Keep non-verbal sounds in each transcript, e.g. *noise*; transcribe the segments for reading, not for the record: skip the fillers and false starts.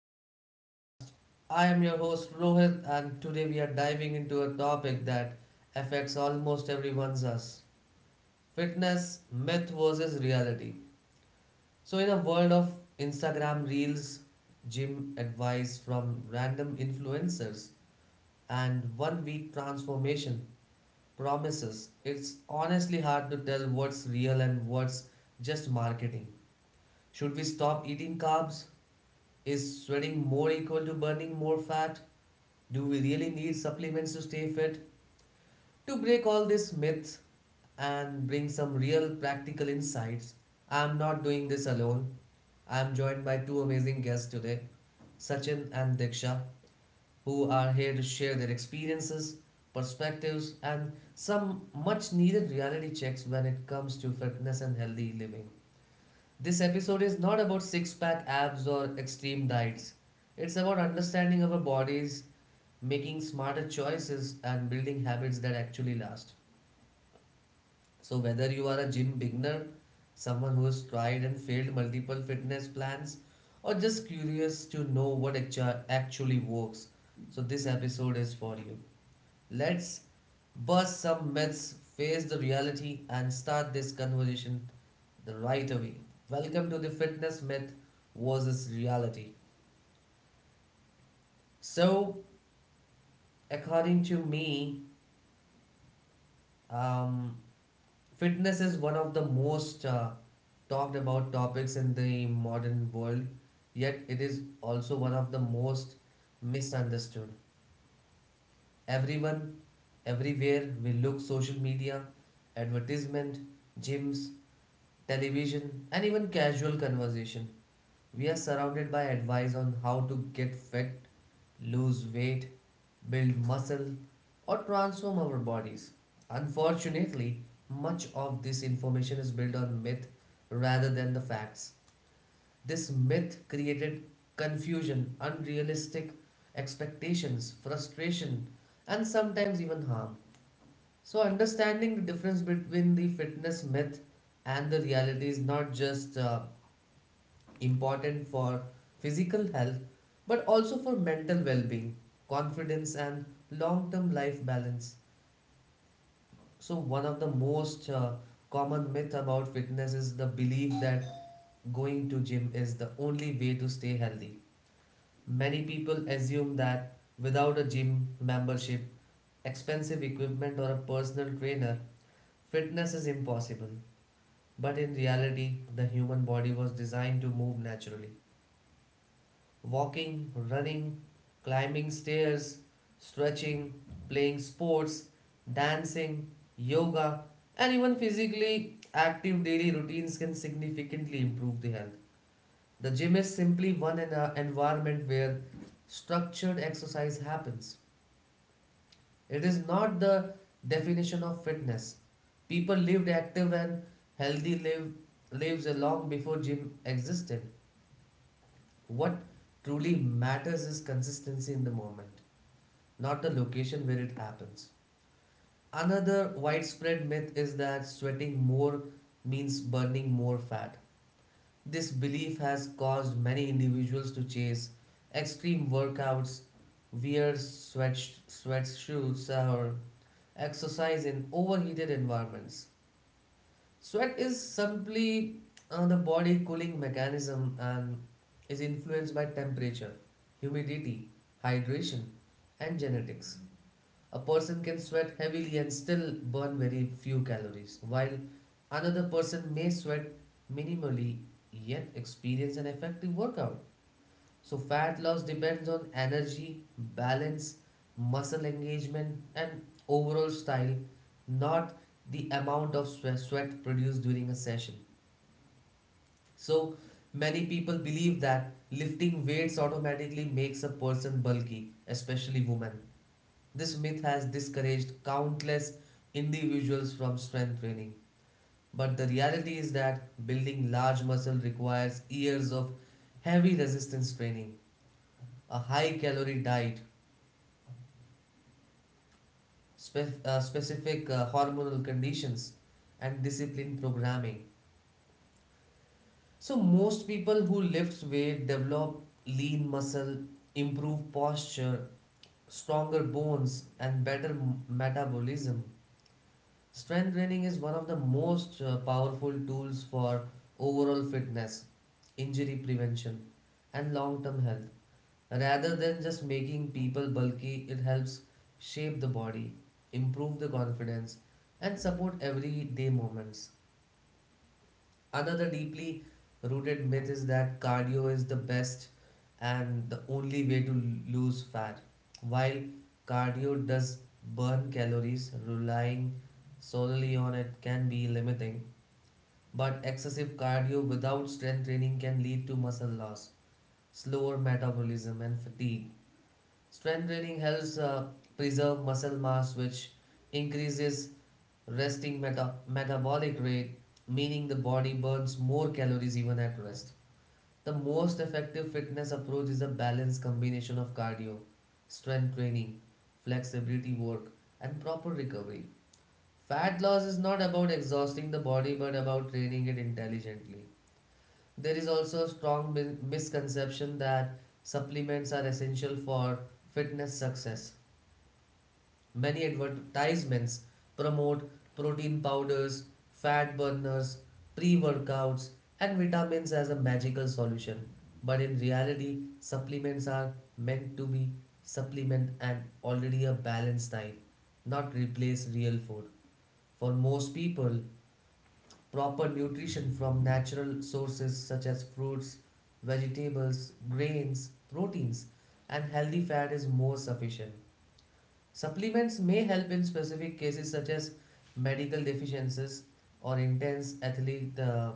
to the podcast. I am your host Rohit, and today we are diving into a topic that affects almost everyone's us fitness myth versus reality. So, in a world of Instagram reels, gym advice from random influencers, and one week transformation promises, it's honestly hard to tell what's real and what's just marketing. Should we stop eating carbs? Is sweating more equal to burning more fat? Do we really need supplements to stay fit? To break all these myths and bring some real practical insights, I am not doing this alone. I am joined by two amazing guests today, Sachin and Diksha, who are here to share their experiences, perspectives, and some much needed reality checks when it comes to fitness and healthy living. This episode is not about six pack abs or extreme diets. It's about understanding our bodies, making smarter choices, and building habits that actually last. So, whether you are a gym beginner, someone who has tried and failed multiple fitness plans, or just curious to know what actually works, so this episode is for you. Let's bust some myths, face the reality, and start this conversation the right away. Welcome to the fitness myth versus reality. So, according to me, um, fitness is one of the most talked about topics in the modern world, yet, it is also one of the most misunderstood. Everyone, everywhere, we look social media, advertisement, gyms, television, and even casual conversation. We are surrounded by advice on how to get fit, lose weight, build muscle, or transform our bodies. Unfortunately, much of this information is built on myth rather than the facts. This myth created confusion, unrealistic expectations, frustration, and sometimes even harm. So, understanding the difference between the fitness myth and the reality is not just important for physical health, but also for mental well being, confidence, and long term life balance. So, one of the most common myth about fitness is the belief that going to gym is the only way to stay healthy. Many people assume that without a gym membership, expensive equipment or a personal trainer, fitness is impossible. But in reality, the human body was designed to move naturally. Walking, running, climbing stairs, stretching, playing sports, dancing, yoga, and even physically active daily routines can significantly improve the health. The gym is simply one environment where structured exercise happens. It is not the definition of fitness. People lived active and healthy lives long before gym existed. What truly matters is consistency in the moment, not the location where it happens. Another widespread myth is that sweating more means burning more fat. This belief has caused many individuals to chase extreme workouts, wear sweatshirts, or exercise in overheated environments. Sweat is simply the body cooling mechanism and is influenced by temperature, humidity, hydration, and genetics. A person can sweat heavily and still burn very few calories, while another person may sweat minimally yet experience an effective workout. So, fat loss depends on energy, balance, muscle engagement, and overall style, not the amount of sweat produced during a session. So, many people believe that lifting weights automatically makes a person bulky, especially women. This myth has discouraged countless individuals from strength training. But the reality is that building large muscle requires years of heavy resistance training, a high calorie diet, specific hormonal conditions, and disciplined programming. So, most people who lift weight develop lean muscle, improve posture, stronger bones, and better metabolism. Strength training is one of the most powerful tools for overall fitness, injury prevention, and long term health. Rather than just making people bulky, it helps shape the body, improve the confidence, and support everyday moments. Another deeply rooted myth is that cardio is the best and the only way to lose fat. While cardio does burn calories, relying solely on it can be limiting, but excessive cardio without strength training can lead to muscle loss, slower metabolism, and fatigue. Strength training helps preserve muscle mass, which increases resting metabolic rate, meaning the body burns more calories even at rest. The most effective fitness approach is a balanced combination of cardio, strength training, flexibility work, and proper recovery. Fat loss is not about exhausting the body but about training it intelligently. There is also a strong misconception that supplements are essential for fitness success. Many advertisements promote protein powders, fat burners, pre workouts, and vitamins as a magical solution. But in reality, supplements are meant to be supplement and already a balanced diet, not replace real food. For most people, proper nutrition from natural sources such as fruits, vegetables, grains, proteins, and healthy fat is more sufficient. Supplements may help in specific cases such as medical deficiencies or intense athlete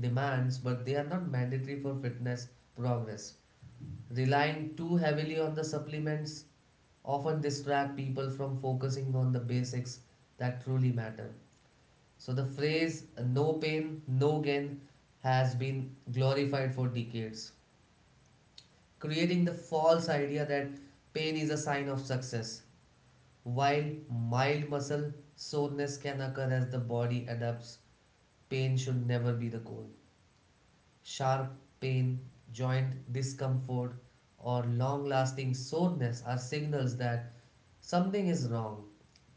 demands, but they are not mandatory for fitness progress. Relying too heavily on the supplements often distract people from focusing on the basics that truly matter. So the phrase no pain, no gain has been glorified for decades, creating the false idea that pain is a sign of success. While mild muscle soreness can occur as the body adapts, pain should never be the goal. Sharp pain, joint discomfort, or long lasting soreness are signals that something is wrong.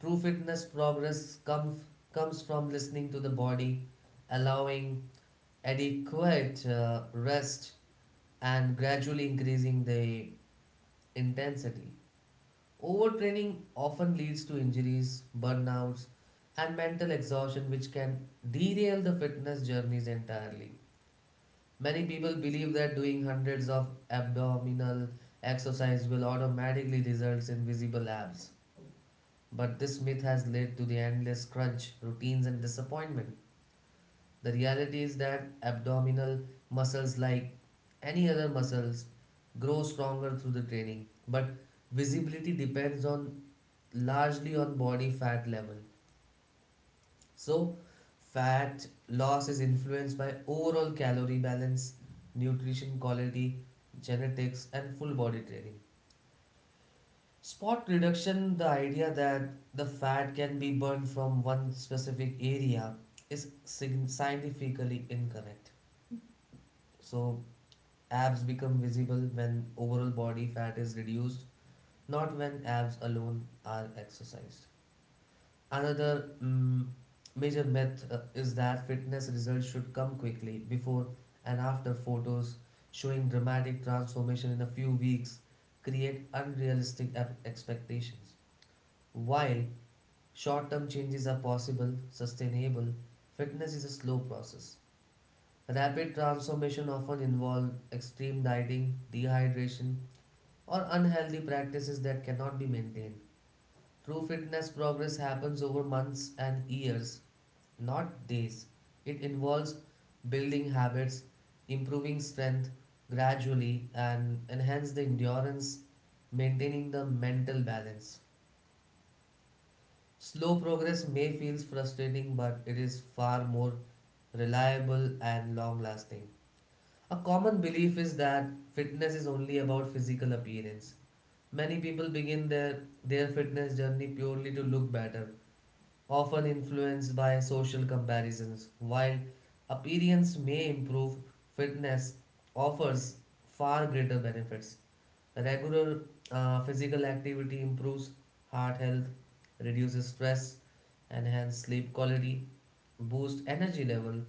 True fitness progress comes from listening to the body, allowing adequate rest, and gradually increasing the intensity. Overtraining often leads to injuries, burnouts, and mental exhaustion, which can derail the fitness journeys entirely. Many people believe that doing hundreds of abdominal exercise will automatically result in visible abs, but this myth has led to the endless crunch, routines, and disappointment. The reality is that abdominal muscles, like any other muscles, grow stronger through the training, but visibility depends on largely on body fat level. So, fat loss is influenced by overall calorie balance, nutrition quality, genetics, and full body training. Spot reduction, the idea that the fat can be burned from one specific area, is scientifically incorrect. So, abs become visible when overall body fat is reduced, not when abs alone are exercised. Another major myth is that fitness results should come quickly before and after photos showing dramatic transformation in a few weeks create unrealistic expectations. While short term changes are possible, sustainable, fitness is a slow process. Rapid transformation often involve extreme dieting, dehydration, or unhealthy practices that cannot be maintained. True fitness progress happens over months and years, not days. It involves building habits, improving strength gradually, and enhance the endurance, maintaining the mental balance. Slow progress may feel frustrating, but it is far more reliable and long lasting. A common belief is that fitness is only about physical appearance. Many people begin their fitness journey purely to look better, often influenced by social comparisons. While appearance may improve, fitness offers far greater benefits. Regular physical activity improves heart health, reduces stress, enhances sleep quality, boosts energy level,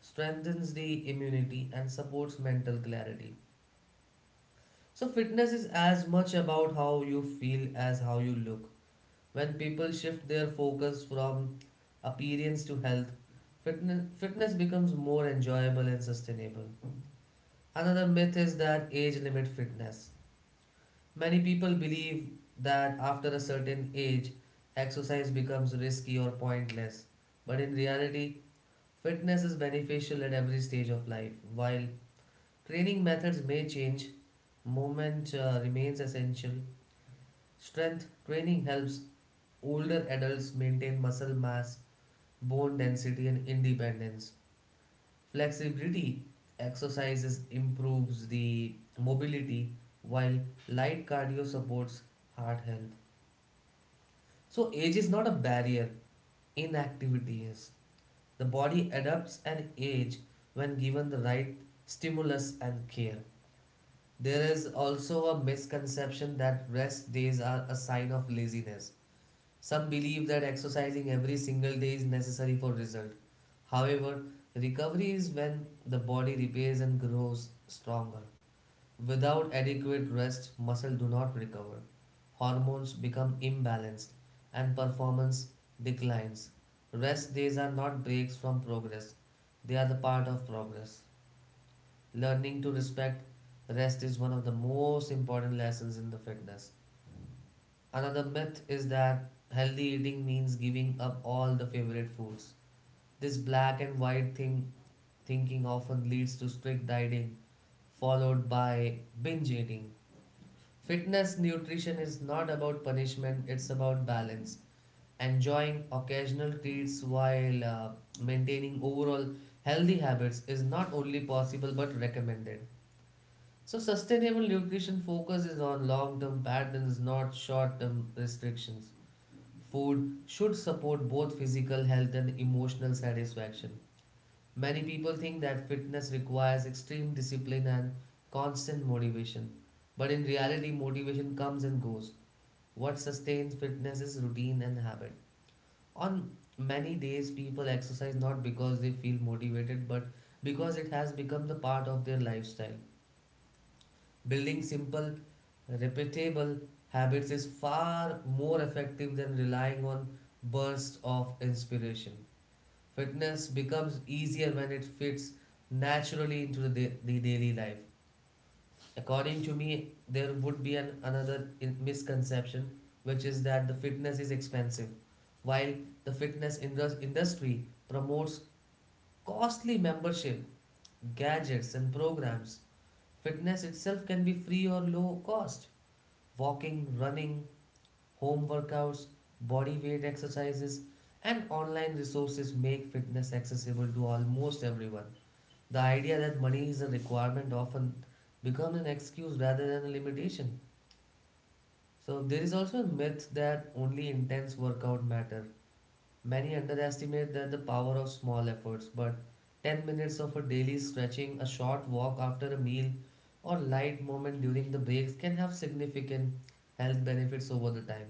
strengthens the immunity, and supports mental clarity. So, fitness is as much about how you feel as how you look. When people shift their focus from appearance to health, fitness becomes more enjoyable and sustainable. Another myth is that age limit fitness. Many people believe that after a certain age, exercise becomes risky or pointless. But in reality, fitness is beneficial at every stage of life. While training methods may change, movement remains essential. Strength training helps older adults maintain muscle mass, bone density, and independence. Flexibility exercises improves the mobility, while light cardio supports heart health. So, age is not a barrier, inactivity is. The body adapts and ages when given the right stimulus and care. There is also a misconception that rest days are a sign of laziness. Some believe that exercising every single day is necessary for result. However, recovery is when the body repairs and grows stronger. Without adequate rest, muscle do not recover. Hormones become imbalanced and performance declines. Rest days are not breaks from progress. They are the part of progress. Learning to respect rest is one of the most important lessons in the fitness. Another myth is that healthy eating means giving up all the favorite foods. This black and white thing thinking often leads to strict dieting followed by binge eating. Fitness nutrition is not about punishment, it's about balance. Enjoying occasional treats while maintaining overall healthy habits is not only possible but recommended. So, sustainable nutrition focuses on long term patterns, not short term restrictions. Food should support both physical health and emotional satisfaction. Many people think that fitness requires extreme discipline and constant motivation, but in reality, motivation comes and goes what sustains fitness is routine and habit. On many days, people exercise not because they feel motivated, but because it has become the part of their lifestyle. Building simple, repeatable habits is far more effective than relying on bursts of inspiration. Fitness becomes easier when it fits naturally into the daily life. According to me, there would be an another misconception, which is that the fitness is expensive while the fitness industry promotes costly membership, gadgets, and programs. Fitness itself can be free or low cost. Walking, running, home workouts, body weight exercises, and online resources make fitness accessible to almost everyone. The idea that money is a requirement often becomes an excuse rather than a limitation. So there is also a myth that only intense workout matter. Many underestimate that the power of small efforts, but 10 minutes of a daily stretching, a short walk after a meal, or light movement during the breaks can have significant health benefits over the time.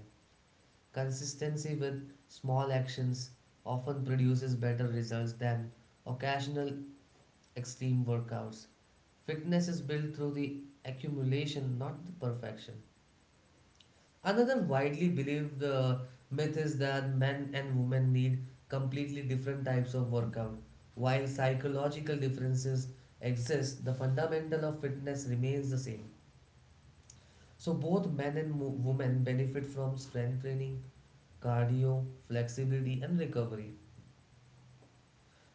Consistency with small actions often produces better results than occasional extreme workouts. Fitness is built through the accumulation, not the perfection. Another widely believed myth is that men and women need completely different types of workout. While psychological differences exist, the fundamental of fitness remains the same. So, both men and women benefit from strength training, cardio, flexibility, and recovery.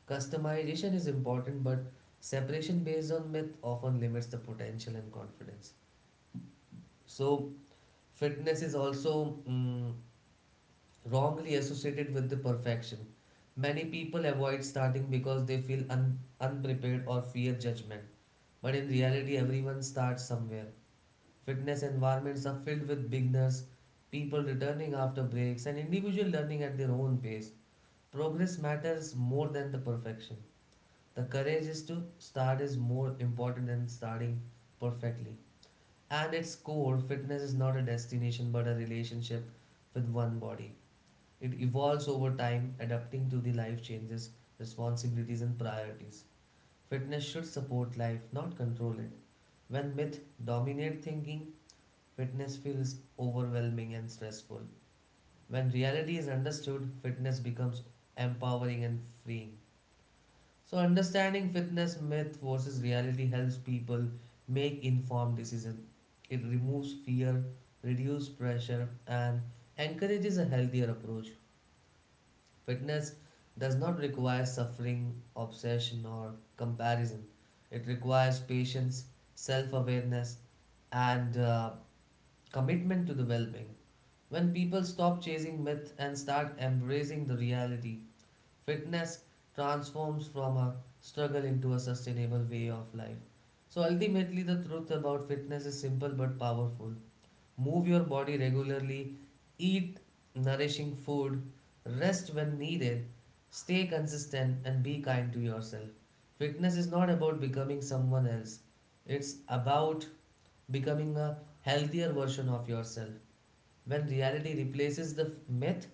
Customization is important, but separation based on myth often limits the potential and confidence. So, fitness is also wrongly associated with the perfection. Many people avoid starting because they feel unprepared or fear judgment. But in reality, everyone starts somewhere. Fitness environments are filled with beginners, people returning after breaks, and individual learning at their own pace. Progress matters more than the perfection. The courage is to start is more important than starting perfectly. And its core, fitness is not a destination but a relationship with one body. It evolves over time, adapting to the life changes, responsibilities, and priorities. Fitness should support life, not control it. When myth dominate thinking, fitness feels overwhelming and stressful. When reality is understood, fitness becomes empowering and freeing. So understanding fitness myth versus reality helps people make informed decisions. It removes fear, reduces pressure, and encourages a healthier approach. Fitness does not require suffering, obsession, or comparison. It requires patience, self awareness, and commitment to the well being. When people stop chasing myth and start embracing the reality, fitness transforms from a struggle into a sustainable way of life. So ultimately, the truth about fitness is simple but powerful. Move your body regularly, eat nourishing food, rest when needed, stay consistent, and be kind to yourself. Fitness is not about becoming someone else, it's about becoming a healthier version of yourself. When reality replaces the myth,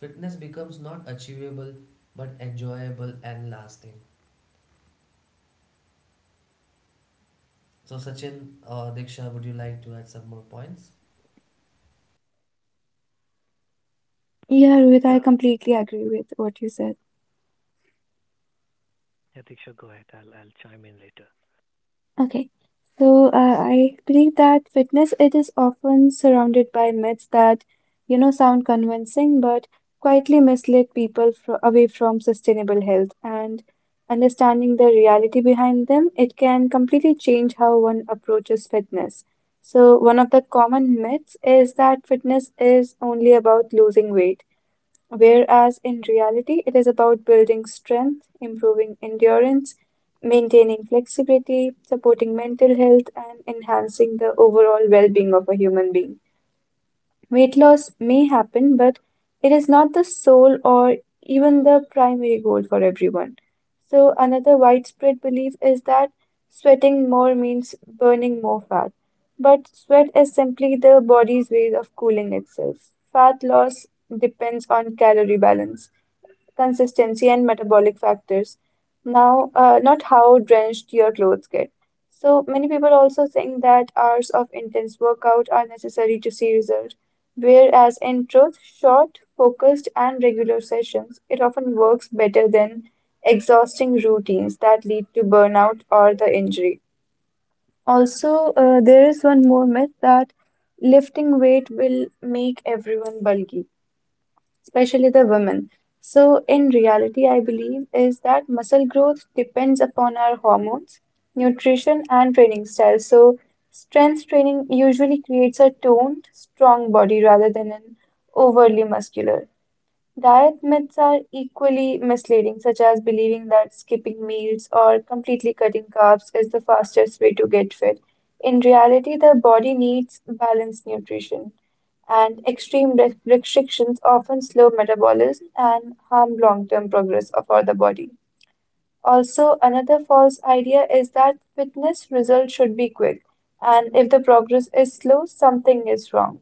fitness becomes not achievable but enjoyable and lasting. So, Sachin or Diksha, would you like to add some more points? Yeah, Rohit, I Yeah, completely agree with what you said. yeah, Diksha, go ahead. I'll chime in later. Okay. So, I believe that fitness it is often surrounded by myths that, sound convincing but quietly mislead people fro away from sustainable health. And understanding the reality behind them, it can completely change how one approaches fitness. So, one of the common myths is that fitness is only about losing weight whereas in reality, it is about building strength, improving endurance, maintaining flexibility, supporting mental health, and enhancing the overall well being of a human being. Weight loss may happen, but it is not the sole or even the primary goal for everyone. So, another widespread belief is that sweating more means burning more fat. But sweat is simply the body's way of cooling itself. Fat loss depends on calorie balance consistency, and metabolic factors. Now, not how drenched your clothes get. So, many people also think that hours of intense workout are necessary to see results, whereas in truth, short, focused, and regular sessions, it often works better than exhausting routines that lead to burnout or the injury. Also, there is one more myth that lifting weight will make everyone bulky especially the women. So, in reality, I believe is that muscle growth depends upon our hormones, nutrition, and training style. So, strength training usually creates a toned, strong body rather than an overly muscular. Diet myths are equally misleading, such as believing that skipping meals or completely cutting carbs is the fastest way to get fit. In reality, the body needs balanced nutrition, and extreme restrictions often slow metabolism and harm long term progress of our the body. Also, another false idea is that fitness results should be quick, and if the progress is slow, something is wrong.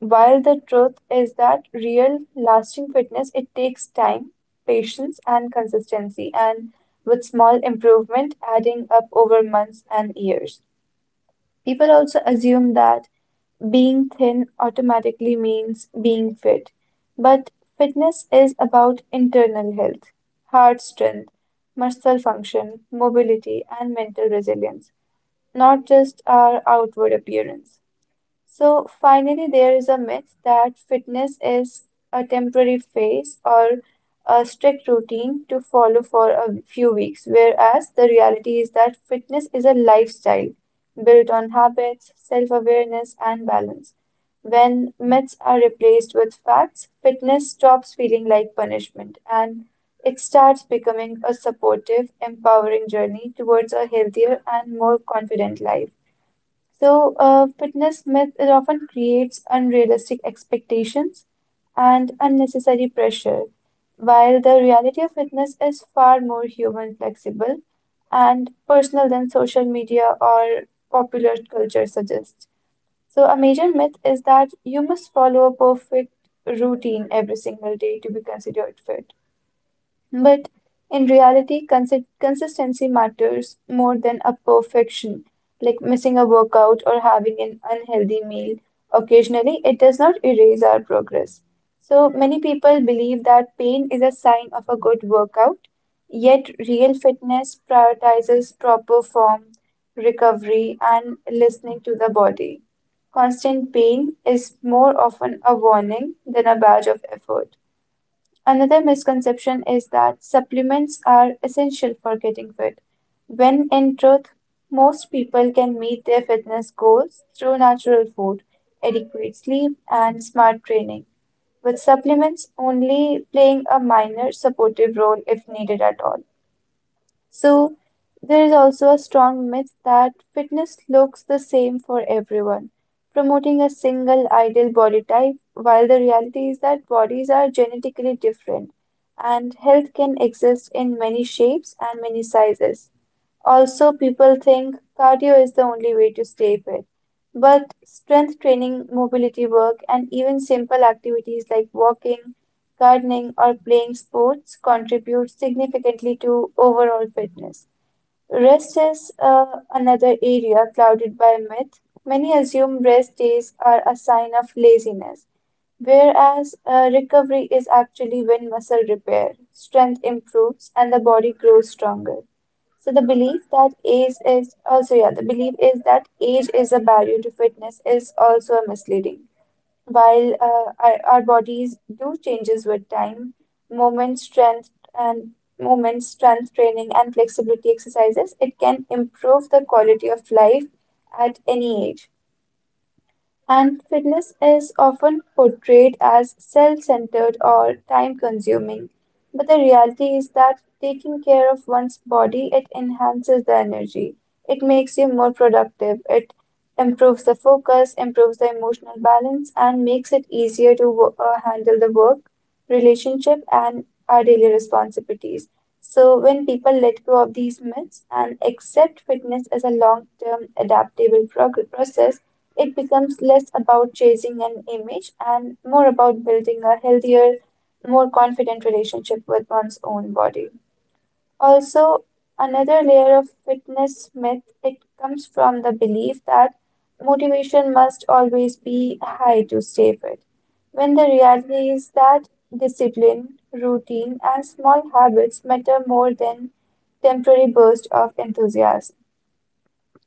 While the truth is that real lasting fitness, it takes time, patience, and consistency, and with small improvement adding up over months and years. People also assume that being thin automatically means being fit, but fitness is about internal health, heart strength, muscle function, mobility, and mental resilience, not just our outward appearance. So, finally, there is a myth that fitness is a temporary phase or a strict routine to follow for a few weeks, whereas the reality is that fitness is a lifestyle built on habits, self awareness, and balance. When myths are replaced with facts, fitness stops feeling like punishment and it starts becoming a supportive, empowering journey towards a healthier and more confident life. So, fitness myth it often creates unrealistic expectations and unnecessary pressure, while the reality of fitness is far more human, flexible, and personal than social media or popular culture suggests. So, a major myth is that you must follow a perfect routine every single day to be considered fit. But in reality, consistency matters more than a perfection, like missing a workout or having an unhealthy meal occasionally, it does not erase our progress. So many people believe that pain is a sign of a good workout, yet real fitness prioritizes proper form, recovery, and listening to the body. Constant pain is more often a warning than a badge of effort. Another misconception is that supplements are essential for getting fit, when in truth, most people can meet their fitness goals through natural food, adequate sleep, and smart training, with supplements only playing a minor supportive role if needed at all. So, there is also a strong myth that fitness looks the same for everyone, promoting a single ideal body type, while the reality is that bodies are genetically different and health can exist in many shapes and many sizes. Also, people think cardio is the only way to stay fit, but strength training, mobility work, and even simple activities like walking, gardening, or playing sports contribute significantly to overall fitness. Rest is another area clouded by myth. Many assume rest days are a sign of laziness, whereas recovery is actually when muscle repair, strength improves, and the body grows stronger. So the belief that age is also yeah, the belief is that age is a barrier to fitness is also misleading. While our bodies do changes with time, movement strength and movement strength training and flexibility exercises, it can improve the quality of life at any age. And fitness is often portrayed as self centered or time consuming, but the reality is that taking care of one's body it enhances the energy, it makes you more productive, it improves the focus, improves the emotional balance, and makes it easier to handle the work, relationship, and our daily responsibilities. So, when people let go of these myths and accept fitness as a long term adaptable process, it becomes less about chasing an image and more about building a healthier, more confident relationship with one's own body. Also, another layer of fitness myth, it comes from the belief that motivation must always be high to stay fit, when the reality is that discipline, routine, and small habits matter more than temporary bursts of enthusiasm.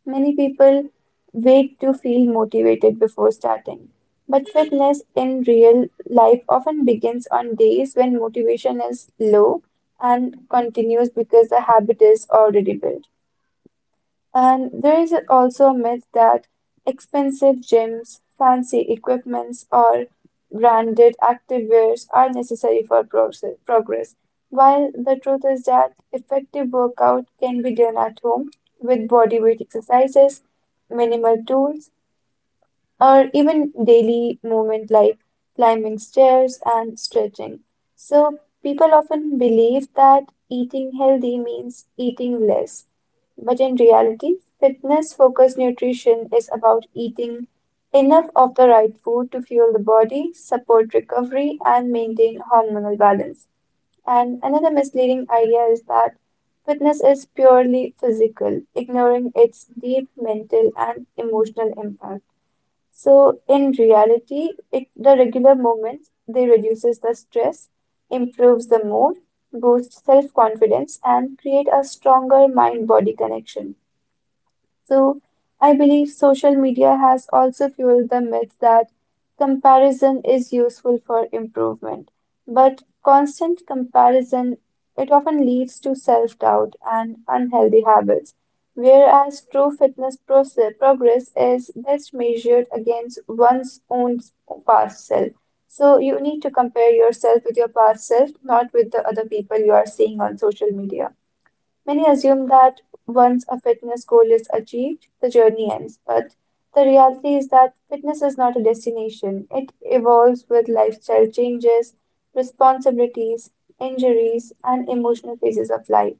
Many people wait to feel motivated before starting. But fitness in real life often begins on days when motivation is low and continues because the habit is already built. And there is also a myth that expensive gyms, fancy equipments, or branded activewears are necessary for progress, while the truth is that effective workout can be done at home with body weight exercises, minimal tools, or even daily movement like climbing stairs and stretching. So, people often believe that eating healthy means eating less, but in reality, fitness focused nutrition is about eating enough of the right food to fuel the body, support recovery, and maintain hormonal balance. And another misleading idea is that fitness is purely physical, ignoring its deep mental and emotional impact. So in reality, it, the regular movements they reduces the stress, improves the mood, boosts self-confidence, and create a stronger mind-body connection. So I believe social media has also fueled the myth that comparison is useful for improvement. But constant comparison, it often leads to self-doubt and unhealthy habits, whereas true fitness progress is best measured against one's own past self. So you need to compare yourself with your past self, not with the other people you are seeing on social media. Many assume that once a fitness goal is achieved, the journey ends, but the reality is that fitness is not a destination. It evolves with lifestyle changes, responsibilities, injuries, and emotional phases of life.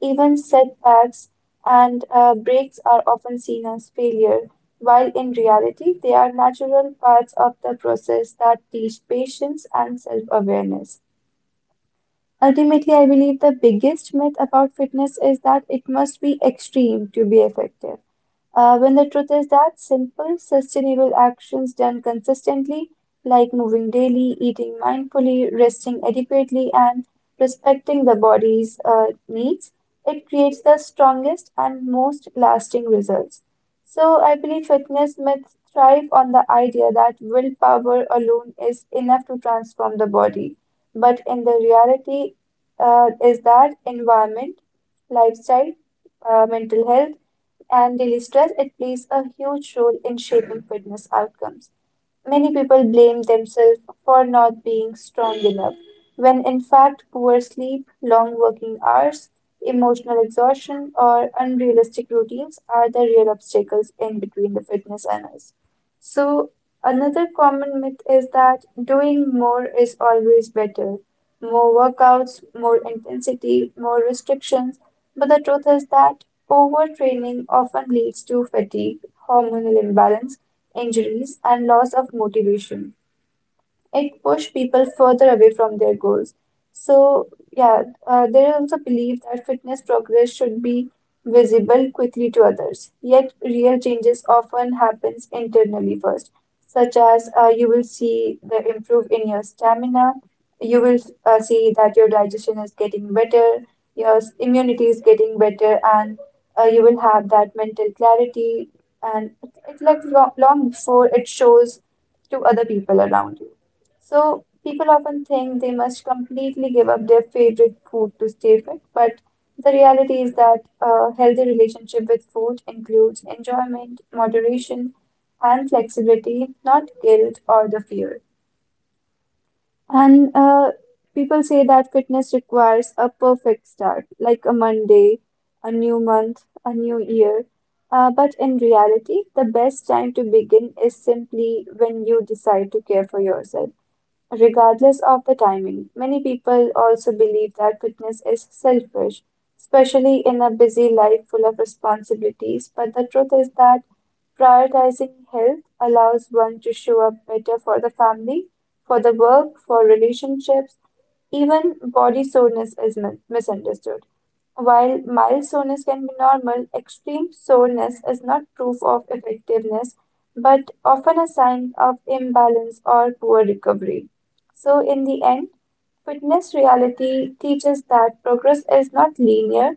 Even setbacks and breaks are often seen as failure, while in reality, they are natural parts of the process that teach patience and self awareness. Ultimately, I believe the biggest myth about fitness is that it must be extreme to be effective. When the truth is that simple, sustainable actions done consistently, like moving daily, eating mindfully, resting adequately, and respecting the body's needs, it creates the strongest and most lasting results. So, I believe fitness myths thrive on the idea that willpower alone is enough to transform the body. But in the reality, is that environment, lifestyle, mental health, and daily stress, it plays a huge role in shaping fitness outcomes. Many people blame themselves for not being strong enough, when in fact, poor sleep, long working hours, emotional exhaustion, or unrealistic routines are the real obstacles in between the fitness and us. So, another common myth is that doing more is always better. More workouts, more intensity, more restrictions. But the truth is that overtraining often leads to fatigue, hormonal imbalance, injuries, and loss of motivation it push people further away from their goals. So yeah, there is also belief that fitness progress should be visible quickly to others. Yet real changes often happens internally first, such as you will see the improve in your stamina, you will see that your digestion is getting better, your immunity is getting better, and you will have that mental clarity. And it's like long, long before it shows to other people around you. So people often think they must completely give up their favorite food to stay fit, but the reality is that a healthy relationship with food includes enjoyment, moderation, and flexibility, not guilt or the fear. And people say that fitness requires a perfect start, like a Monday, a new month, a new year. But in reality, the best time to begin is simply when you decide to care for yourself Regardless of the timing, many people also believe that fitness is selfish, especially in a busy life full of responsibilities. But the truth is that prioritizing health allows one to show up better for the family, for the work, for relationships. Even body soreness is misunderstood. While mild soreness can be normal, extreme soreness is not proof of effectiveness, but often a sign of imbalance or poor recovery. So, in the end, fitness reality teaches that progress is not linear,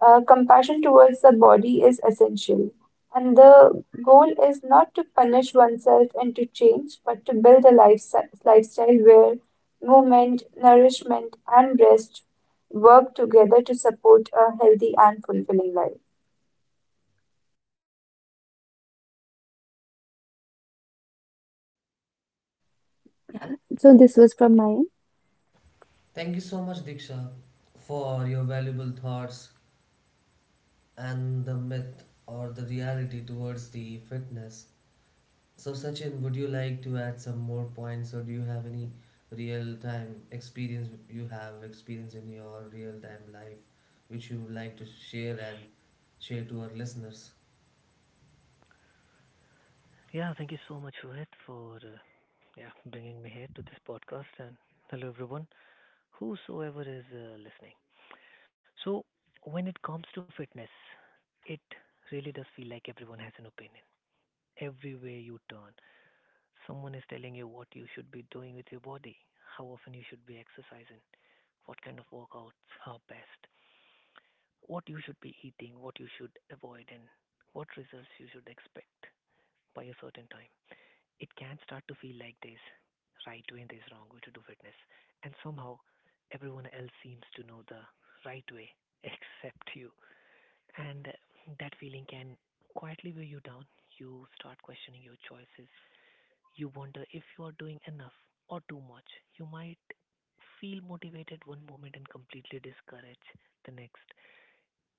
compassion towards the body is essential, and the goal is not to punish oneself and to change, but to build a lifestyle, lifestyle where movement, nourishment, and rest work together to support a healthy and fulfilling life. So this was from my end. Thank you so much, Diksha, for your valuable thoughts and the myth or the reality towards the fitness. So, Sachin, would you like to add some more points, or do you have any real time experience you have experience in your real time life which you would like to share and share to our listeners? Yeah, thank you so much, Rohit, for yeah bringing me here to this podcast, and hello everyone, whosoever is listening. So, when it comes to fitness, it really does feel like everyone has an opinion. Everywhere you turn, someone is telling you what you should be doing with your body, how often you should be exercising, what kind of workouts are best, what you should be eating, what you should avoid, and what results you should expect by a certain time. It can start to feel like there's right way and there's wrong way to do fitness. And somehow everyone else seems to know the right way *laughs* except you. And that feeling can quietly weigh you down. You start questioning your choices. You wonder if you are doing enough or too much. You might feel motivated one moment and completely discouraged the next.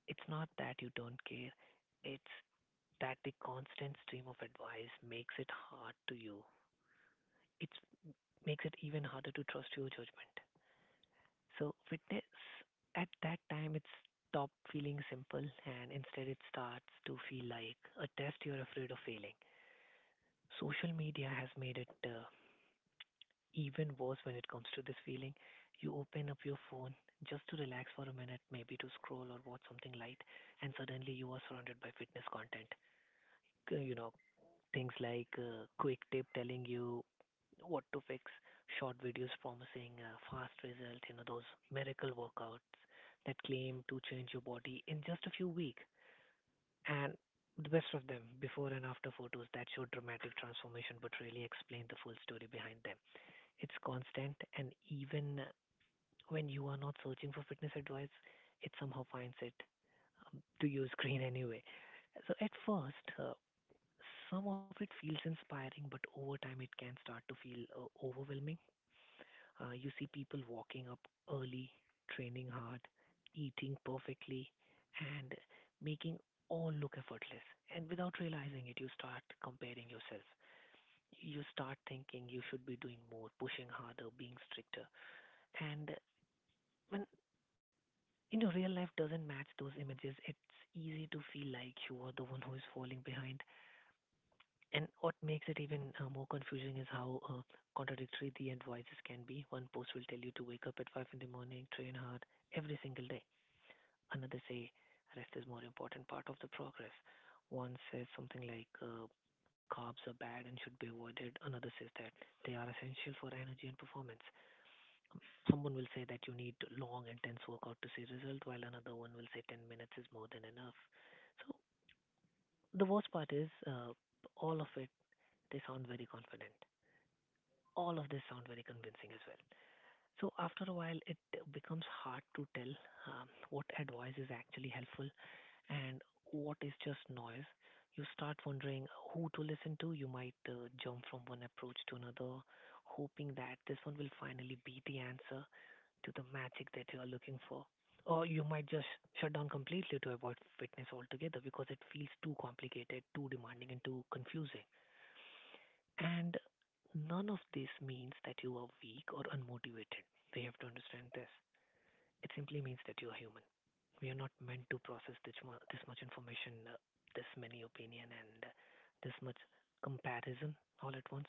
It's not that you don't care, it's that the constant stream of advice makes it hard to you. It's makes it even harder to trust your judgment. So witness at that time it's stop feeling simple, and instead it starts to feel like a test you're afraid of failing. Social media has made it even worse when it comes to this feeling. You open up your phone just to relax for a minute, maybe to scroll or watch something light, and suddenly you are surrounded by fitness content. You know, things like quick tip telling you what to fix, short videos promising fast results, you know, those miracle workouts that claim to change your body in just a few weeks. And the best of them, before and after photos that show dramatic transformation but really explain the full story behind them. It's constant, and even when you are not searching for fitness advice, it somehow finds it to your screen *laughs* anyway. So at first, some of it feels inspiring, but over time it can start to feel overwhelming. You see people walking up early, training hard, eating perfectly, and making all look effortless. And without realizing it, you start comparing yourself. You start thinking you should be doing more, pushing harder, being stricter. And when, you know, real life doesn't match those images, it's easy to feel like you are the one who is falling behind. And what makes it even more confusing is how contradictory the end voices can be. One post will tell you to wake up at 5 in the morning, train hard every single day. Another say rest is more important part of the progress. One says something like carbs are bad and should be avoided. Another says that they are essential for energy and performance. Um, Someone will say that you need long intense workout to see result, while another one will say 10 minutes is more than enough. So the worst part is all of it. They sound very confident, all of this sound very convincing as well. So after a while, it becomes hard to tell what advice is actually helpful and what is just noise. You start wondering who to listen to. You might jump from one approach to another, hoping that this one will finally be the answer to the magic that you are looking for. Or you might just shut down completely to avoid fitness altogether because it feels too complicated, too demanding, and too confusing. And none of this means that you are weak or unmotivated. We have to understand this. It simply means that you are human. We are not meant to process this much information, this many opinion, and this much comparison all at once.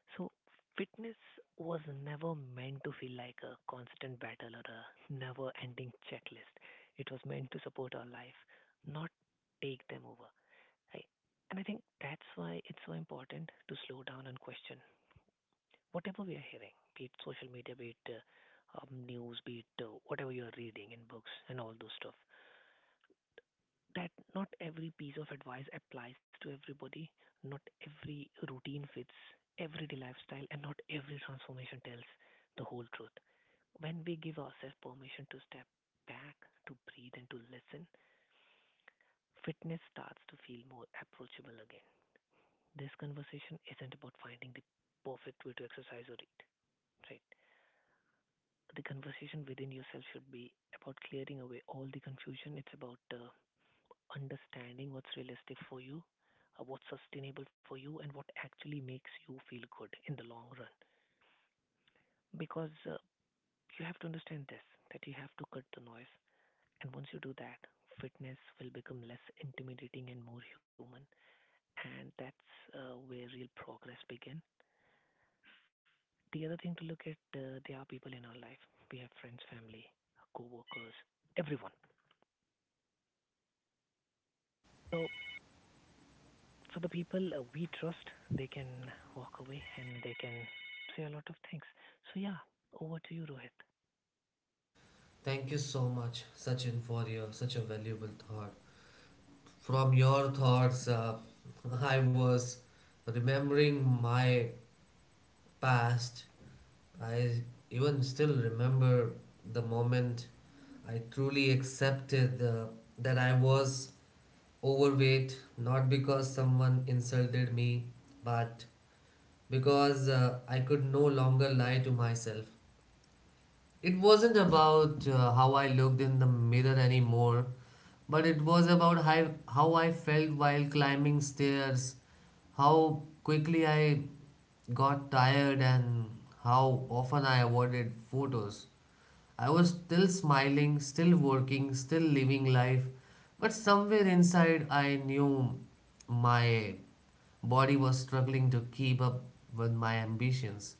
So, fitness was never meant to feel like a constant battle or a never ending checklist. It was meant to support our life, not take them over. I, and I think that's why it's so important to slow down and question whatever we are hearing, be it social media, be it news, be it whatever you are reading in books and all those stuff, that not every piece of advice applies to everybody. Not every routine fits everyday lifestyle, and not every transformation tells the whole truth. When we give ourselves permission to step back, to breathe, and to listen, fitness starts to feel more approachable again. This conversation isn't about finding the perfect way to exercise or eat, right? The conversation within yourself should be about clearing away all the confusion. It's about understanding what's realistic for you, what's sustainable for you, and what actually makes you feel good in the long run. Because you have to understand this, that you have to cut the noise. And once you do that, fitness will become less intimidating and more human. And that's where real progress begins. The other thing to look at, there are people in our life. We have friends, family, co workers, everyone. So So the people we trust, they can walk away and they can say a lot of things. So yeah, over to you, Rohit. Thank you so much, Sachin, for your such a valuable thought. From your thoughts, *laughs* I was remembering my past. I even still remember the moment I truly accepted that I was overweight, not because someone insulted me, but because I could no longer lie to myself. It wasn't about how I looked in the mirror anymore, but it was about how I felt while climbing stairs, how quickly I got tired, and how often I avoided photos. I was still smiling, still working, still living life, but somewhere inside I knew my body was struggling to keep up with my ambitions.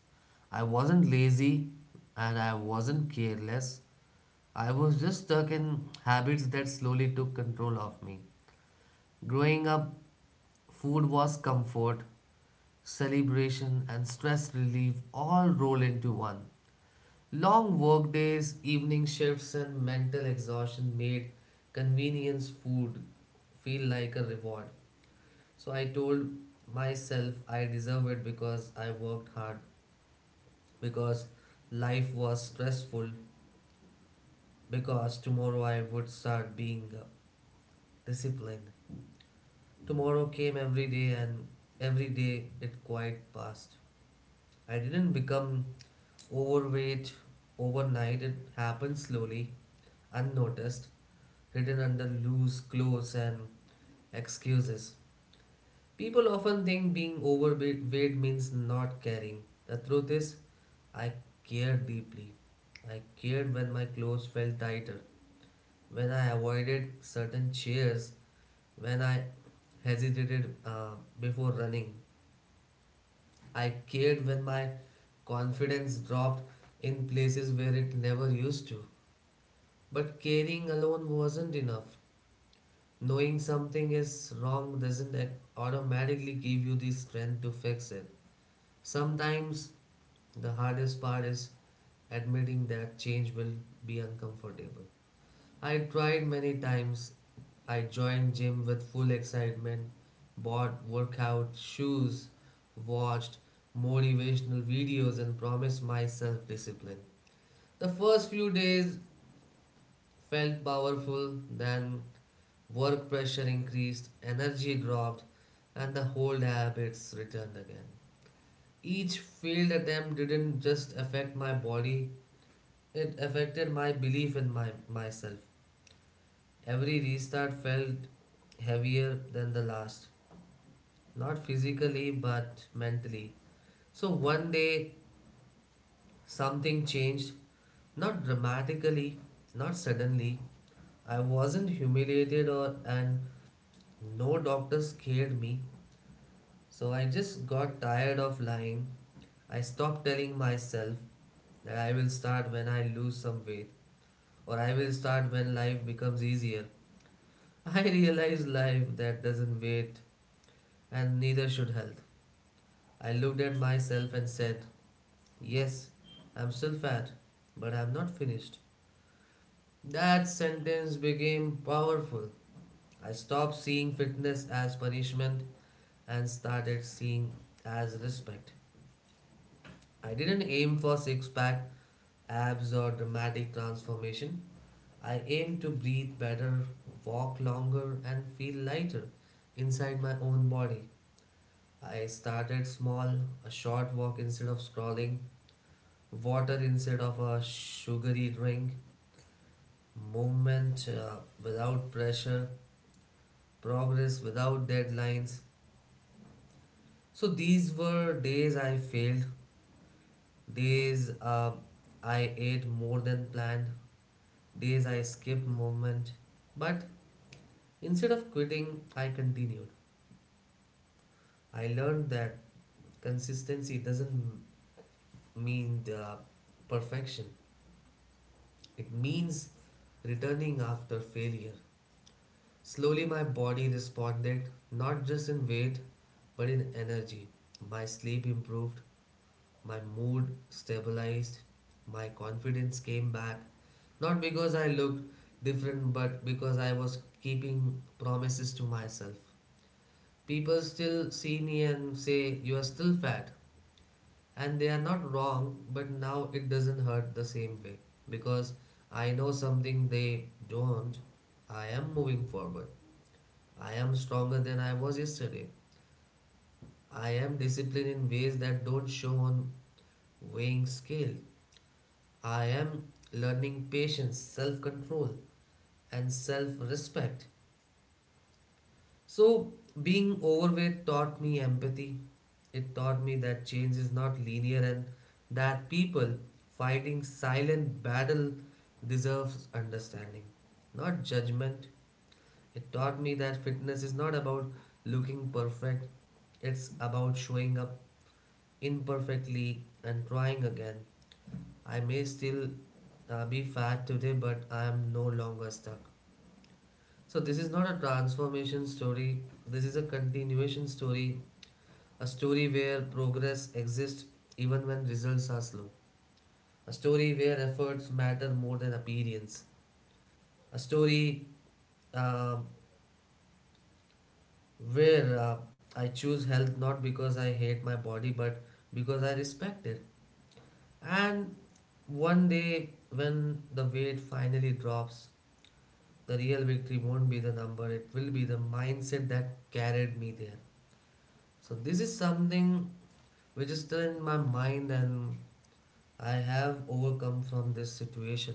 I wasn't lazy and I wasn't careless. I was just stuck in habits that slowly took control of me. Growing up, food was comfort, celebration, and stress relief all rolled into one. Long workdays, evening shifts, and mental exhaustion made convenience food feel like a reward. So I told myself I deserve it because I worked hard, because life was stressful, because tomorrow I would start being disciplined. Tomorrow came every day, and every day it quite passed. I didn't become overweight overnight, it happened slowly, unnoticed, hidden under loose clothes and excuses. People often think being overweight means not caring. The truth is, I cared deeply. I cared when my clothes felt tighter, when I avoided certain chairs, when I hesitated before running. I cared when my confidence dropped in places where it never used to. But caring alone wasn't enough. Knowing something is wrong doesn't automatically give you the strength to fix it. Sometimes the hardest part is admitting that change will be uncomfortable. I tried many times. I joined gym with full excitement, bought workout shoes, watched motivational videos, and promised myself discipline. The first few days felt powerful, then work pressure increased, energy dropped, and the old habits returned again. Each failed attempt didn't just affect my body, it affected my belief in myself. Every restart felt heavier than the last, not physically but mentally. So one day something changed, not dramatically, not suddenly. I wasn't humiliated, or and no doctor scared me. So I just got tired of lying. I stopped telling myself that I will start when I lose some weight or I will start when life becomes easier. *laughs* I realized life that doesn't wait, and neither should health. I looked at myself and said, "Yes, I'm still fat, but I'm not finished." That sentence became powerful. I stopped seeing fitness as punishment and started seeing as respect. I didn't aim for six pack, abs, or dramatic transformation. I aimed to breathe better, walk longer, and feel lighter inside my own body. I started small, a short walk instead of scrolling, water instead of a sugary drink, movement without pressure, progress without deadlines. So these were days I failed, days I ate more than planned, days I skipped movement. But instead of quitting, I continued. I learned that consistency doesn't mean the perfection, it means returning after failure. Slowly, my body responded not just in weight but in energy. My sleep improved, my mood stabilized, my confidence came back. Not because I looked different, but because I was keeping promises to myself. People still see me and say, "You are still fat." And they are not wrong, but now it doesn't hurt the same way because I know something they don't. I am moving forward. I am stronger than I was yesterday. I am disciplined in ways that don't show on weighing scale. I am learning patience, self control, and self respect. So, being overweight taught me empathy. It taught me that change is not linear and that people fighting silent battle deserves understanding, not judgment. It taught me that fitness is not about looking perfect, it's about showing up imperfectly and trying again. I may still be fat today, but I am no longer stuck. So, this is not a transformation story, this is a continuation story, a story where progress exists even when results are slow, a story where efforts matter more than appearance, a story um where I choose health not because I hate my body but because I respect it. And one day when the weight finally drops, the real victory won't be the number, it will be the mindset that carried me there. So, this is something which is still in my mind, and I have overcome from this situation.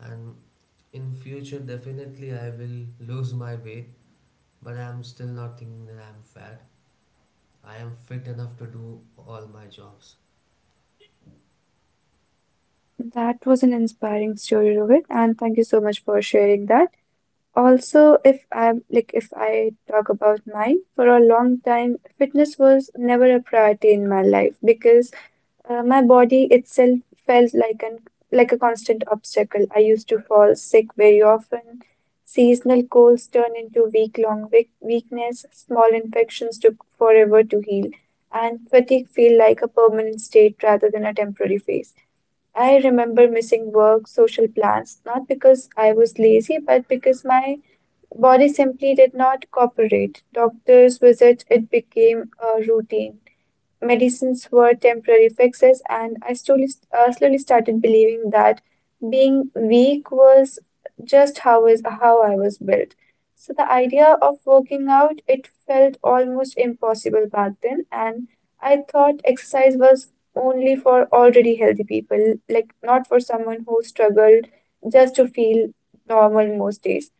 And in future, definitely, I will lose my weight, but I'm still not thinking that I'm fat. I am fit enough to do all my jobs. That was an inspiring story, Rohit, and thank you so much for sharing that. Also, if I talk about mine, for a long time, fitness was never a priority in my life because my body itself felt like an like a constant obstacle. I used to fall sick very often. Seasonal colds turned into week-long weakness. Small infections took forever to heal, and fatigue felt like a permanent state rather than a temporary phase. I remember missing work, social plans, not because I was lazy, but because my body simply did not cooperate. Doctors' visits, it became a routine, medicines were temporary fixes, and I slowly, slowly started believing that being weak was just how is how I was built. So the idea of working out, it felt almost impossible back then, and I thought exercise was only for already healthy people, like not for someone who struggled just to feel normal most days.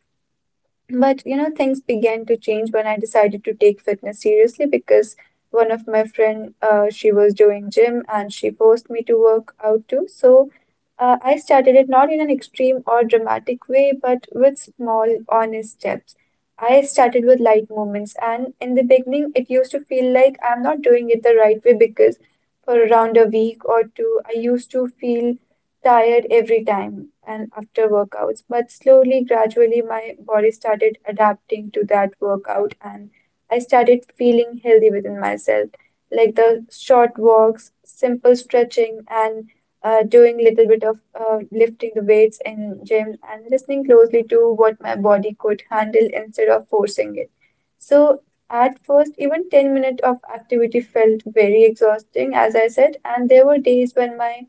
But you know, things began to change when I decided to take fitness seriously because one of my friend, she was doing gym and she forced me to work out too. So I started it not in an extreme or dramatic way, but with small, honest steps. I started with light movements, and in the beginning, it used to feel like I'm not doing it the right way because for around a week or two, I used to feel tired every time and after workouts, but slowly, gradually, my body started adapting to that workout and I started feeling healthy within myself. Like the short walks, simple stretching, and doing little bit of lifting the weights in gym and listening closely to what my body could handle instead of forcing it. So at first, even 10 minutes of activity felt very exhausting, as I said, and there were days when my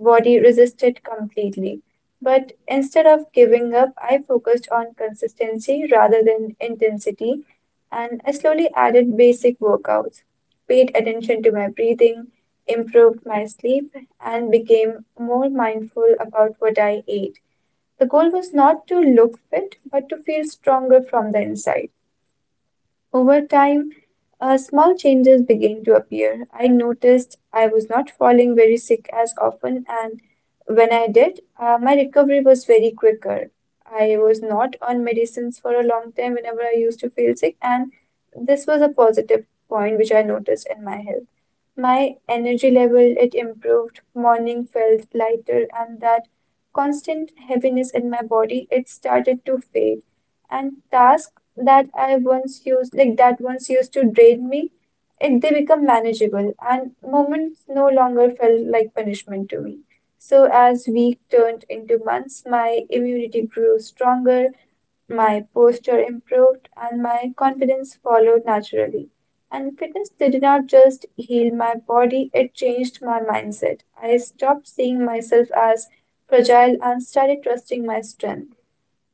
body resisted completely. But instead of giving up, I focused on consistency rather than intensity, and I slowly added basic workouts, paid attention to my breathing, improved my sleep, and became more mindful about what I ate. The goal was not to look fit, but to feel stronger from the inside. Over time, small changes began to appear. I noticed I was not falling very sick as often, and when I did, my recovery was very quicker. I was not on medicines for a long time whenever I used to feel sick, and this was a positive point which I noticed in my health. My energy level, it improved, morning felt lighter, and that constant heaviness in my body, it started to fade. And tasks that once used to drain me, it they become manageable and moments no longer felt like punishment to me. So as week turned into months, my immunity grew stronger, my posture improved and my confidence followed naturally. And fitness did not just heal my body, it changed my mindset. I stopped seeing myself as fragile and started trusting my strength.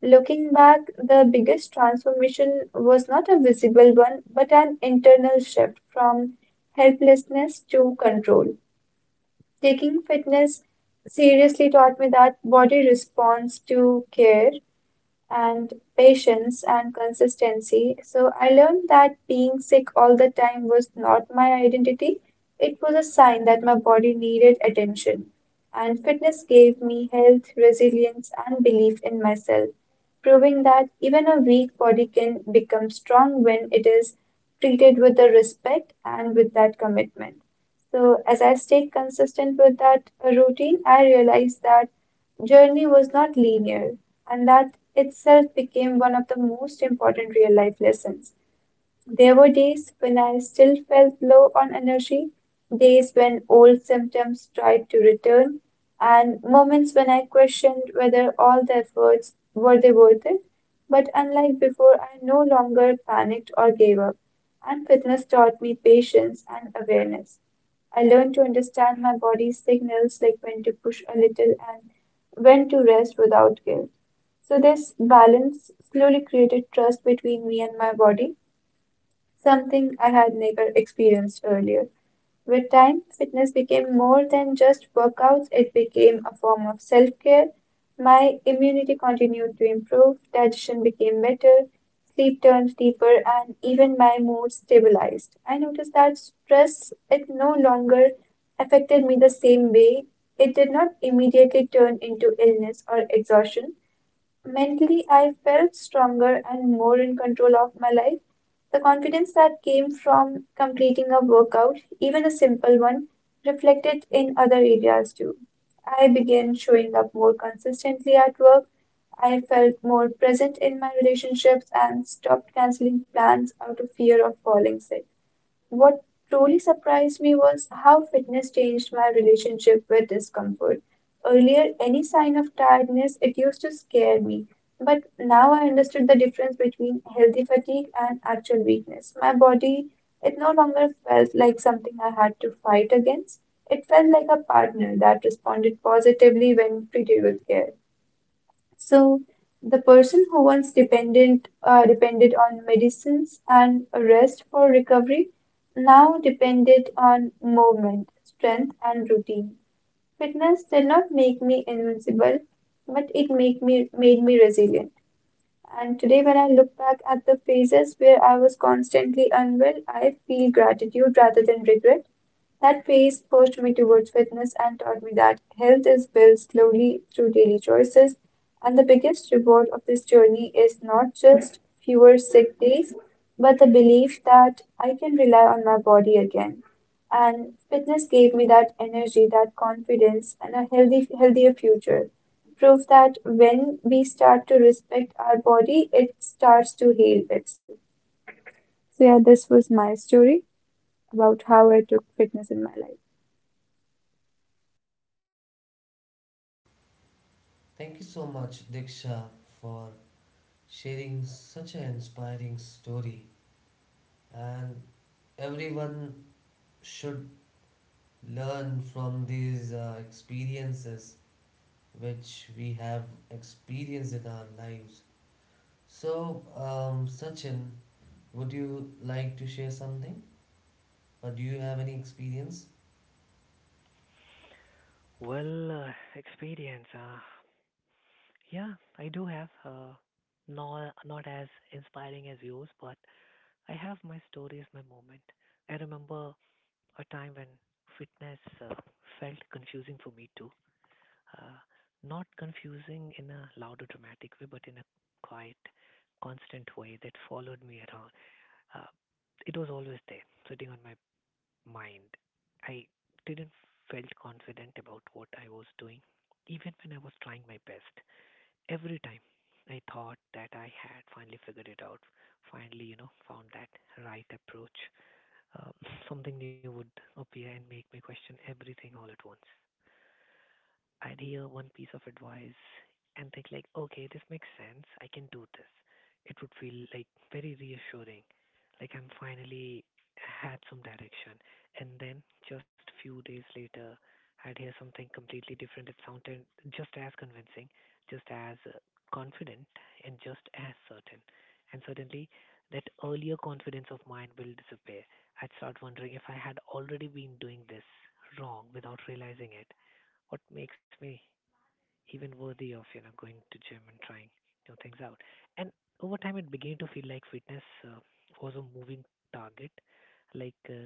Looking back, the biggest transformation was not a visible one, but an internal shift from helplessness to control. Taking fitness seriously taught me that body responds to care and patience and consistency. So I learned that being sick all the time was not my identity. It was a sign that my body needed attention. And fitness gave me health, resilience, and belief in myself, proving that even a weak body can become strong when it is treated with the respect and with that commitment. So, as I stayed consistent with that routine, I realized that journey was not linear, and that itself became one of the most important real life lessons. There were days when I still felt low on energy, days when old symptoms tried to return, and moments when I questioned whether all the efforts were they worth it. But unlike before, I no longer panicked or gave up, and fitness taught me patience and awareness. I learned to understand my body's signals, like when to push a little and when to rest without guilt. So, this balance slowly created trust between me and my body, something I had never experienced earlier. With time, fitness became more than just workouts, it became a form of self care. My immunity continued to improve, digestion became better, sleep turned deeper, and even my mood stabilized. I noticed that stress, it no longer affected me the same way. It did not immediately turn into illness or exhaustion. Mentally, I felt stronger and more in control of my life. The confidence that came from completing a workout, even a simple one, reflected in other areas too. I began showing up more consistently at work. I felt more present in my relationships and stopped canceling plans out of fear of falling sick. What truly surprised me was how fitness changed my relationship with discomfort. Earlier, any sign of tiredness, it used to scare me. But now I understood the difference between healthy fatigue and actual weakness. My body, it no longer felt like something I had to fight against. It felt like a partner that responded positively when treated with care. So the person who once dependent depended on medicines and rest for recovery now depended on movement, strength, and routine. Fitness did not make me invincible, but it make me made me resilient. And today, when I look back at the phases where I was constantly unwell, I feel gratitude rather than regret. That phase pushed me towards fitness and taught me that health is built slowly through daily choices. And the biggest reward of this journey is not just fewer sick days, but the belief that I can rely on my body again. And fitness gave me that energy, that confidence, and a healthier future, proof that when we start to respect our body, it starts to heal itself. So, yeah, this was my story about how I took fitness in my life. Thank you so much, Diksha, for sharing such an inspiring story. And everyone should learn from these experiences which we have experienced in our lives. So, Sachin, would you like to share something? Or do you have any experience? Well, experience. Yeah, I do have. Not not as inspiring as yours, but I have my stories, my moment. I remember a time when fitness felt confusing for me too. Uh, Not confusing in a loud or dramatic way, but in a quiet, constant way that followed me around. Uh, it was always there, sitting on my mind. I didn't felt confident about what I was doing, even when I was trying my best. Every time I thought that I had finally figured it out, finally, you know, found that right approach, um, *laughs* something new would appear and make me question everything all at once. I'd hear one piece of advice and think like, okay, this makes sense. I can do this. It would feel like very reassuring. Like I'm finally had some direction. And then just few days later, I'd hear something completely different. It sounded just as convincing, just as confident, and just as certain. And suddenly, that earlier confidence of mine will disappear. I'd start wondering if I had already been doing this wrong without realizing it, what makes me even worthy of, you know, going to gym and trying new things out. And over time it began to feel like fitness was a moving target, like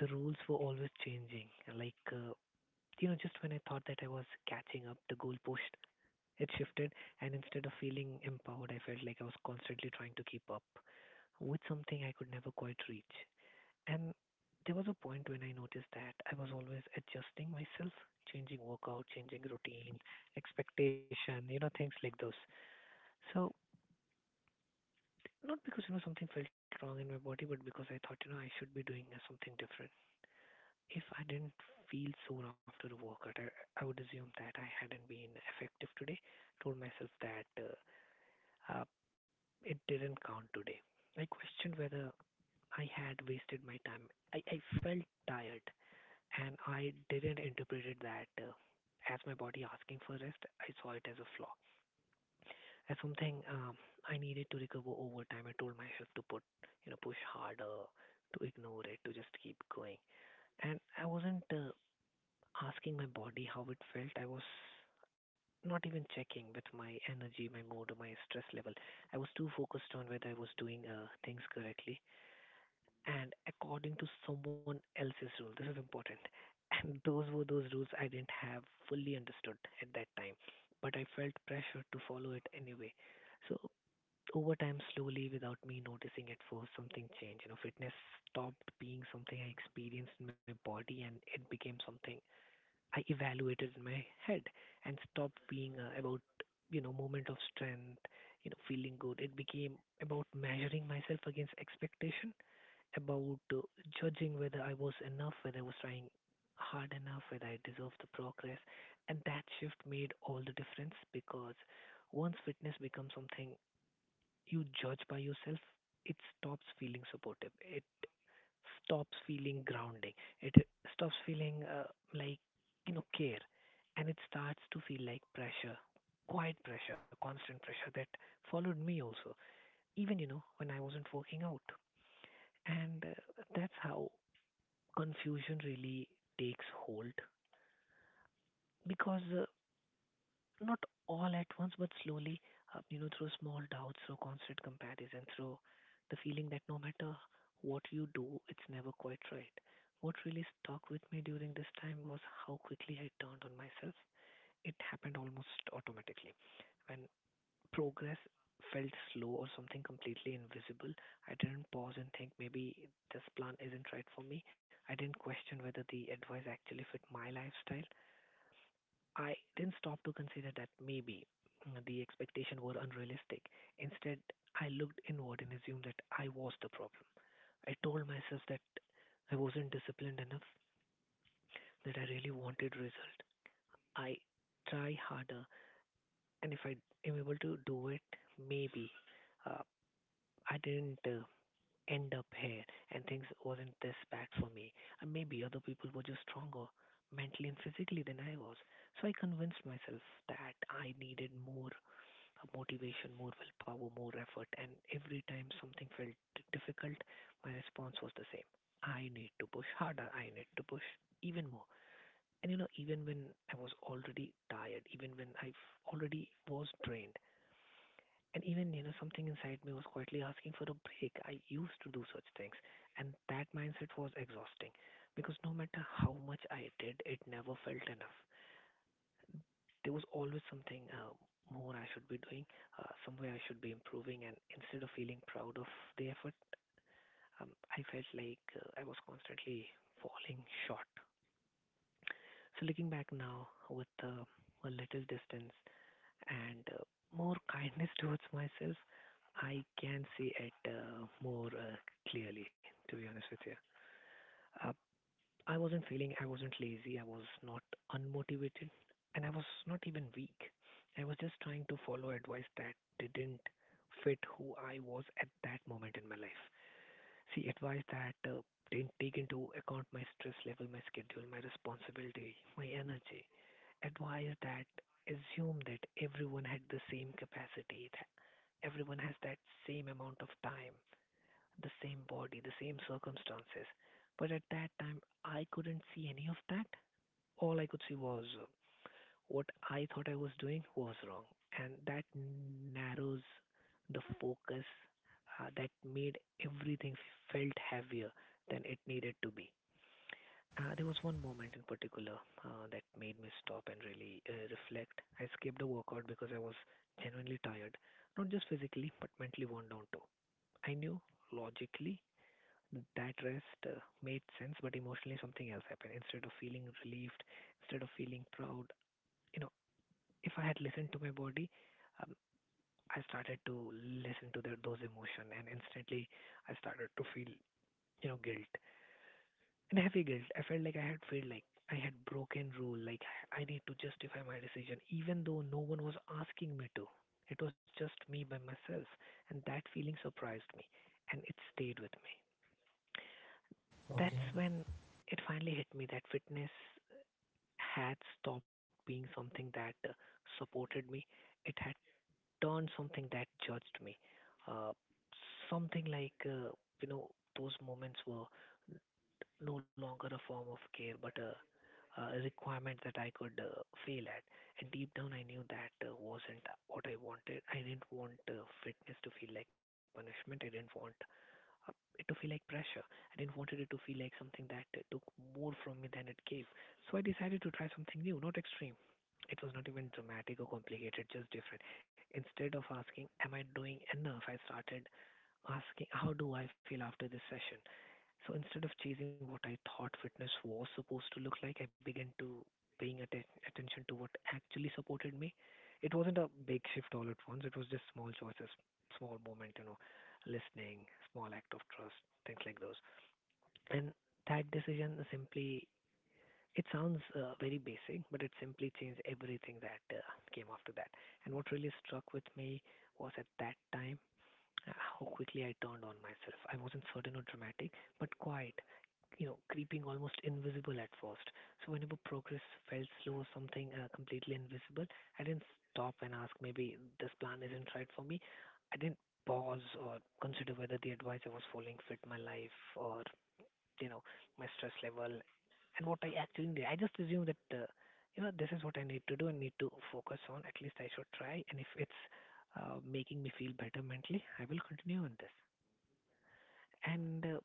the rules were always changing, like you know, just when I thought that I was catching up the goalpost, it shifted. And instead of feeling empowered, I felt like I was constantly trying to keep up with something I could never quite reach. And there was a point when I noticed that I was always adjusting myself, changing workout, changing routine, expectation, you know, things like those. So not because, you know, something felt wrong in my body, but because I thought, you know, I should be doing something different. If I didn't feel sore after the workout, I would assume that I hadn't been effective today. Told myself that uh, it didn't count today. I questioned whether I had wasted my time. I felt tired. And I didn't interpret it that, as my body asking for rest, I saw it as a flaw, as something I needed to recover over time. I told myself to put, you know, push harder, to ignore it, to just keep going. And I wasn't asking my body how it felt. I was not even checking with my energy, my mood, or my stress level. I was too focused on whether I was doing things correctly and according to someone else's rule. This is important. And those were those rules I didn't have fully understood at that time, but I felt pressure to follow it anyway. So over time, slowly, without me noticing at first, something changed. You know, fitness stopped being something I experienced in my body, and it became something I evaluated in my head, and stopped being about, you know, moment of strength, you know, feeling good. It became about measuring myself against expectation, about judging whether I was enough, whether I was trying hard enough, whether I deserved the progress. And that shift made all the difference because once fitness becomes something you judge by yourself, it stops feeling supportive. It stops feeling grounding. It stops feeling like, you know, care. And it starts to feel like pressure, quiet pressure, constant pressure that followed me also, even, you know, when I wasn't working out. And That's how confusion really takes hold because not all at once but slowly, through small doubts, through constant comparison, through the feeling that no matter what you do, it's never quite right. What really stuck with me during this time was how quickly I turned on myself. It happened almost automatically when progress felt slow or something completely invisible. I didn't pause and think, maybe this plan isn't right for me. I didn't question whether the advice actually fit my lifestyle. I didn't stop to consider that maybe the expectations were unrealistic. Instead, I looked inward and assumed that I was the problem. I told myself that I wasn't disciplined enough, that I really wanted result. I try harder, and if I am able to do it, maybe uh, I didn't end up here and things wasn't this bad for me. And maybe other people were just stronger mentally and physically than I was. So I convinced myself that I needed more motivation, more willpower, more effort. And every time something felt difficult, my response was the same. I need to push harder. I need to push even more. And you know, even when I was already tired, even when I already was drained, and even, you know, something inside me was quietly asking for a break. I used to do such things. And that mindset was exhausting because no matter how much I did, it never felt enough. There was always something more I should be doing, somewhere I should be improving. And instead of feeling proud of the effort, um, I felt like I was constantly falling short. So looking back now with a little distance, and more kindness *laughs* towards myself, I can see it more clearly, to be honest with you. Uh, I wasn't feeling, I wasn't lazy, I was not unmotivated, and I was not even weak. I was just trying to follow advice that didn't fit who I was at that moment in my life. She advised that didn't take into account my stress level, my schedule, my responsibility, my energy. Advised that assume that everyone had the same capacity, that everyone has that same amount of time, the same body, the same circumstances. But at that time, I couldn't see any of that. All I could see was what I thought I was doing was wrong. And that narrows the focus that made everything felt heavier than it needed to be. There was one moment in particular that made me stop and really reflect. I skipped a workout because I was genuinely tired, not just physically, but mentally worn down too. I knew logically that rest made sense, but emotionally something else happened. Instead of feeling relieved, instead of feeling proud, you know, if I had listened to my body, um, I started to listen to the, those emotion, and instantly I started to feel, you know, guilt and heavy guilt. I felt like I had felt like I had broken rule, like I need to justify my decision, even though no one was asking me to. It was just me by myself, and that feeling surprised me, and it stayed with me. That's Okay. when it finally hit me that fitness had stopped being something that supported me. It had turned something that judged me. Uh, Something like, you know, those moments were no longer a form of care, but a requirement that I could fail at. And deep down, I knew that wasn't what I wanted. I didn't want fitness to feel like punishment. I didn't want it to feel like pressure. I didn't wanted it to feel like something that took more from me than it gave. So I decided to try something new, not extreme. It was not even dramatic or complicated, just different. Instead of asking, am I doing enough? I started asking, how do I feel after this session? So instead of chasing what I thought fitness was supposed to look like, I began to attention to what actually supported me. It wasn't a big shift all at once. It was just small choices, small moment, you know, listening, small act of trust, things like those. And that decision is simply, it sounds very basic, but it simply changed everything that came after that. And what really struck with me was at that time, how quickly I turned on myself. I wasn't certain or dramatic, but quiet, you know, creeping almost invisible at first. So whenever progress felt slow or something completely invisible, I didn't stop and ask, maybe this plan isn't right for me. I didn't pause or consider whether the advice I was following fit my life or, you know, my stress level and what I actually need. I just assumed that, you know, this is what I need to do and need to focus on. At least I should try, and if it's making me feel better mentally, I will continue on this. And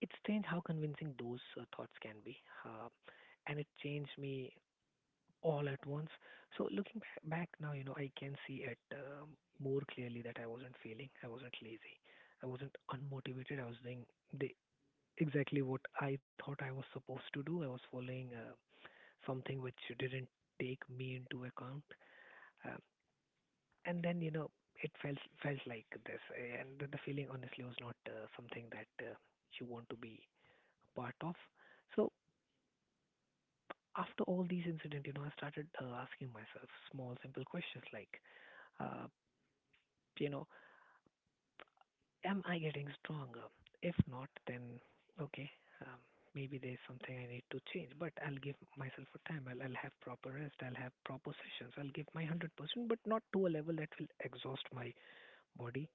It's strange how convincing those thoughts can be, uh, and it changed me all at once. So looking back now, you know, I can see it more clearly, that I wasn't failing, I wasn't lazy, I wasn't unmotivated. I was doing the exactly what I thought I was supposed to do. I was following something which didn't take me into account, um, and then, you know, it felt like this, and the feeling honestly was not something that you want to be a part of. So after all these incidents, you know, I started asking myself small, simple questions like, uh, you know, am I getting stronger? If not, then okay, um, maybe there's something I need to change. But I'll give myself a time. I'll have proper rest. I'll have proper sessions. I'll give my 100%, but not to a level that will exhaust my body.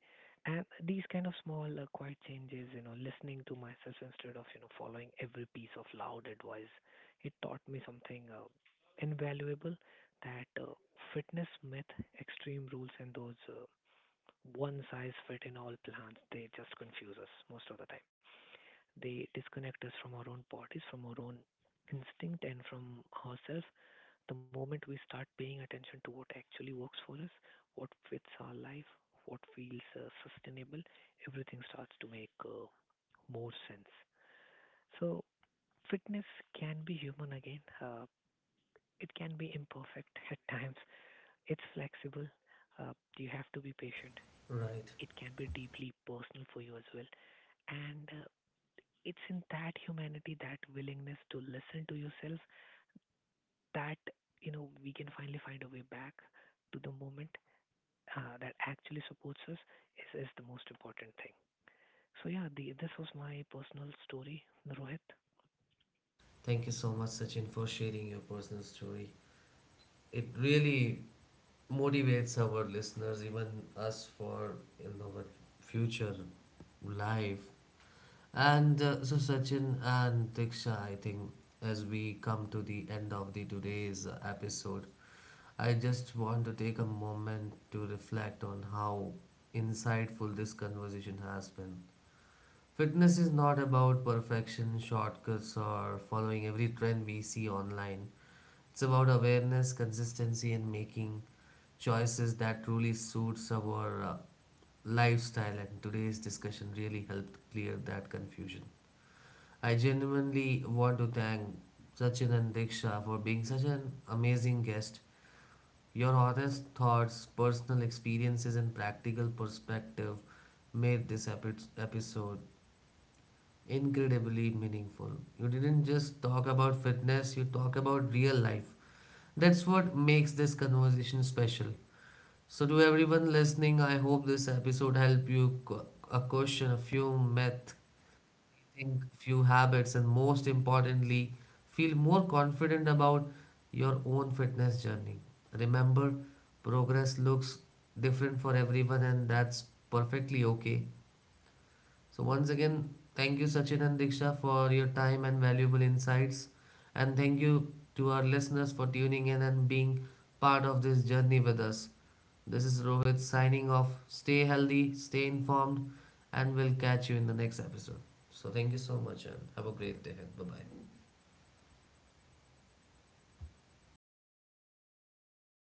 And these kind of small, quiet changes, you know, listening to myself instead of, you know, following every piece of loud advice, it taught me something invaluable, that fitness myth, extreme rules, and those one size fit in all plans, they just confuse us most of the time. They disconnect us from our own bodies, from our own instinct, and from ourselves. The moment we start paying attention to what actually works for us, what fits our life, what feels sustainable, everything starts to make more sense. So, fitness can be human again. It can be imperfect *laughs* at times. It's flexible. You have to be patient. Right. It can be deeply personal for you as well. And It's in that humanity, that willingness to listen to yourself, that, you know, we can finally find a way back to the moment that actually supports us is the most important thing. So yeah, this was my personal story, Rohit. Thank you so much, Sachin, for sharing your personal story. It really motivates our listeners, even us, for you know our future life. And so Sachin and Diksha, I think as we come to the end of the today's episode, I just want to take a moment to reflect on how insightful this conversation has been. Fitness is not about perfection, shortcuts, or following every trend we see online. It's about awareness, consistency, and making choices that truly suits our lifestyle. And today's discussion really helped clear that confusion. I genuinely want to thank Sachin and Diksha for being such an amazing guest. Your honest thoughts, personal experiences, and practical perspective made this episode incredibly meaningful. You didn't just talk about fitness, you talk about real life, that's what makes this conversation special. So, to everyone listening, I hope this episode helped you a question, a few myths, think few habits, and most importantly, feel more confident about your own fitness journey. Remember, progress looks different for everyone, and that's perfectly okay. So, once again, thank you, Sachin and Diksha, for your time and valuable insights. And thank you to our listeners for tuning in and being part of this journey with us. This is Rohit signing off. Stay healthy, stay informed, and we'll catch you in the next episode. So, thank you so much and have a great day. Bye bye.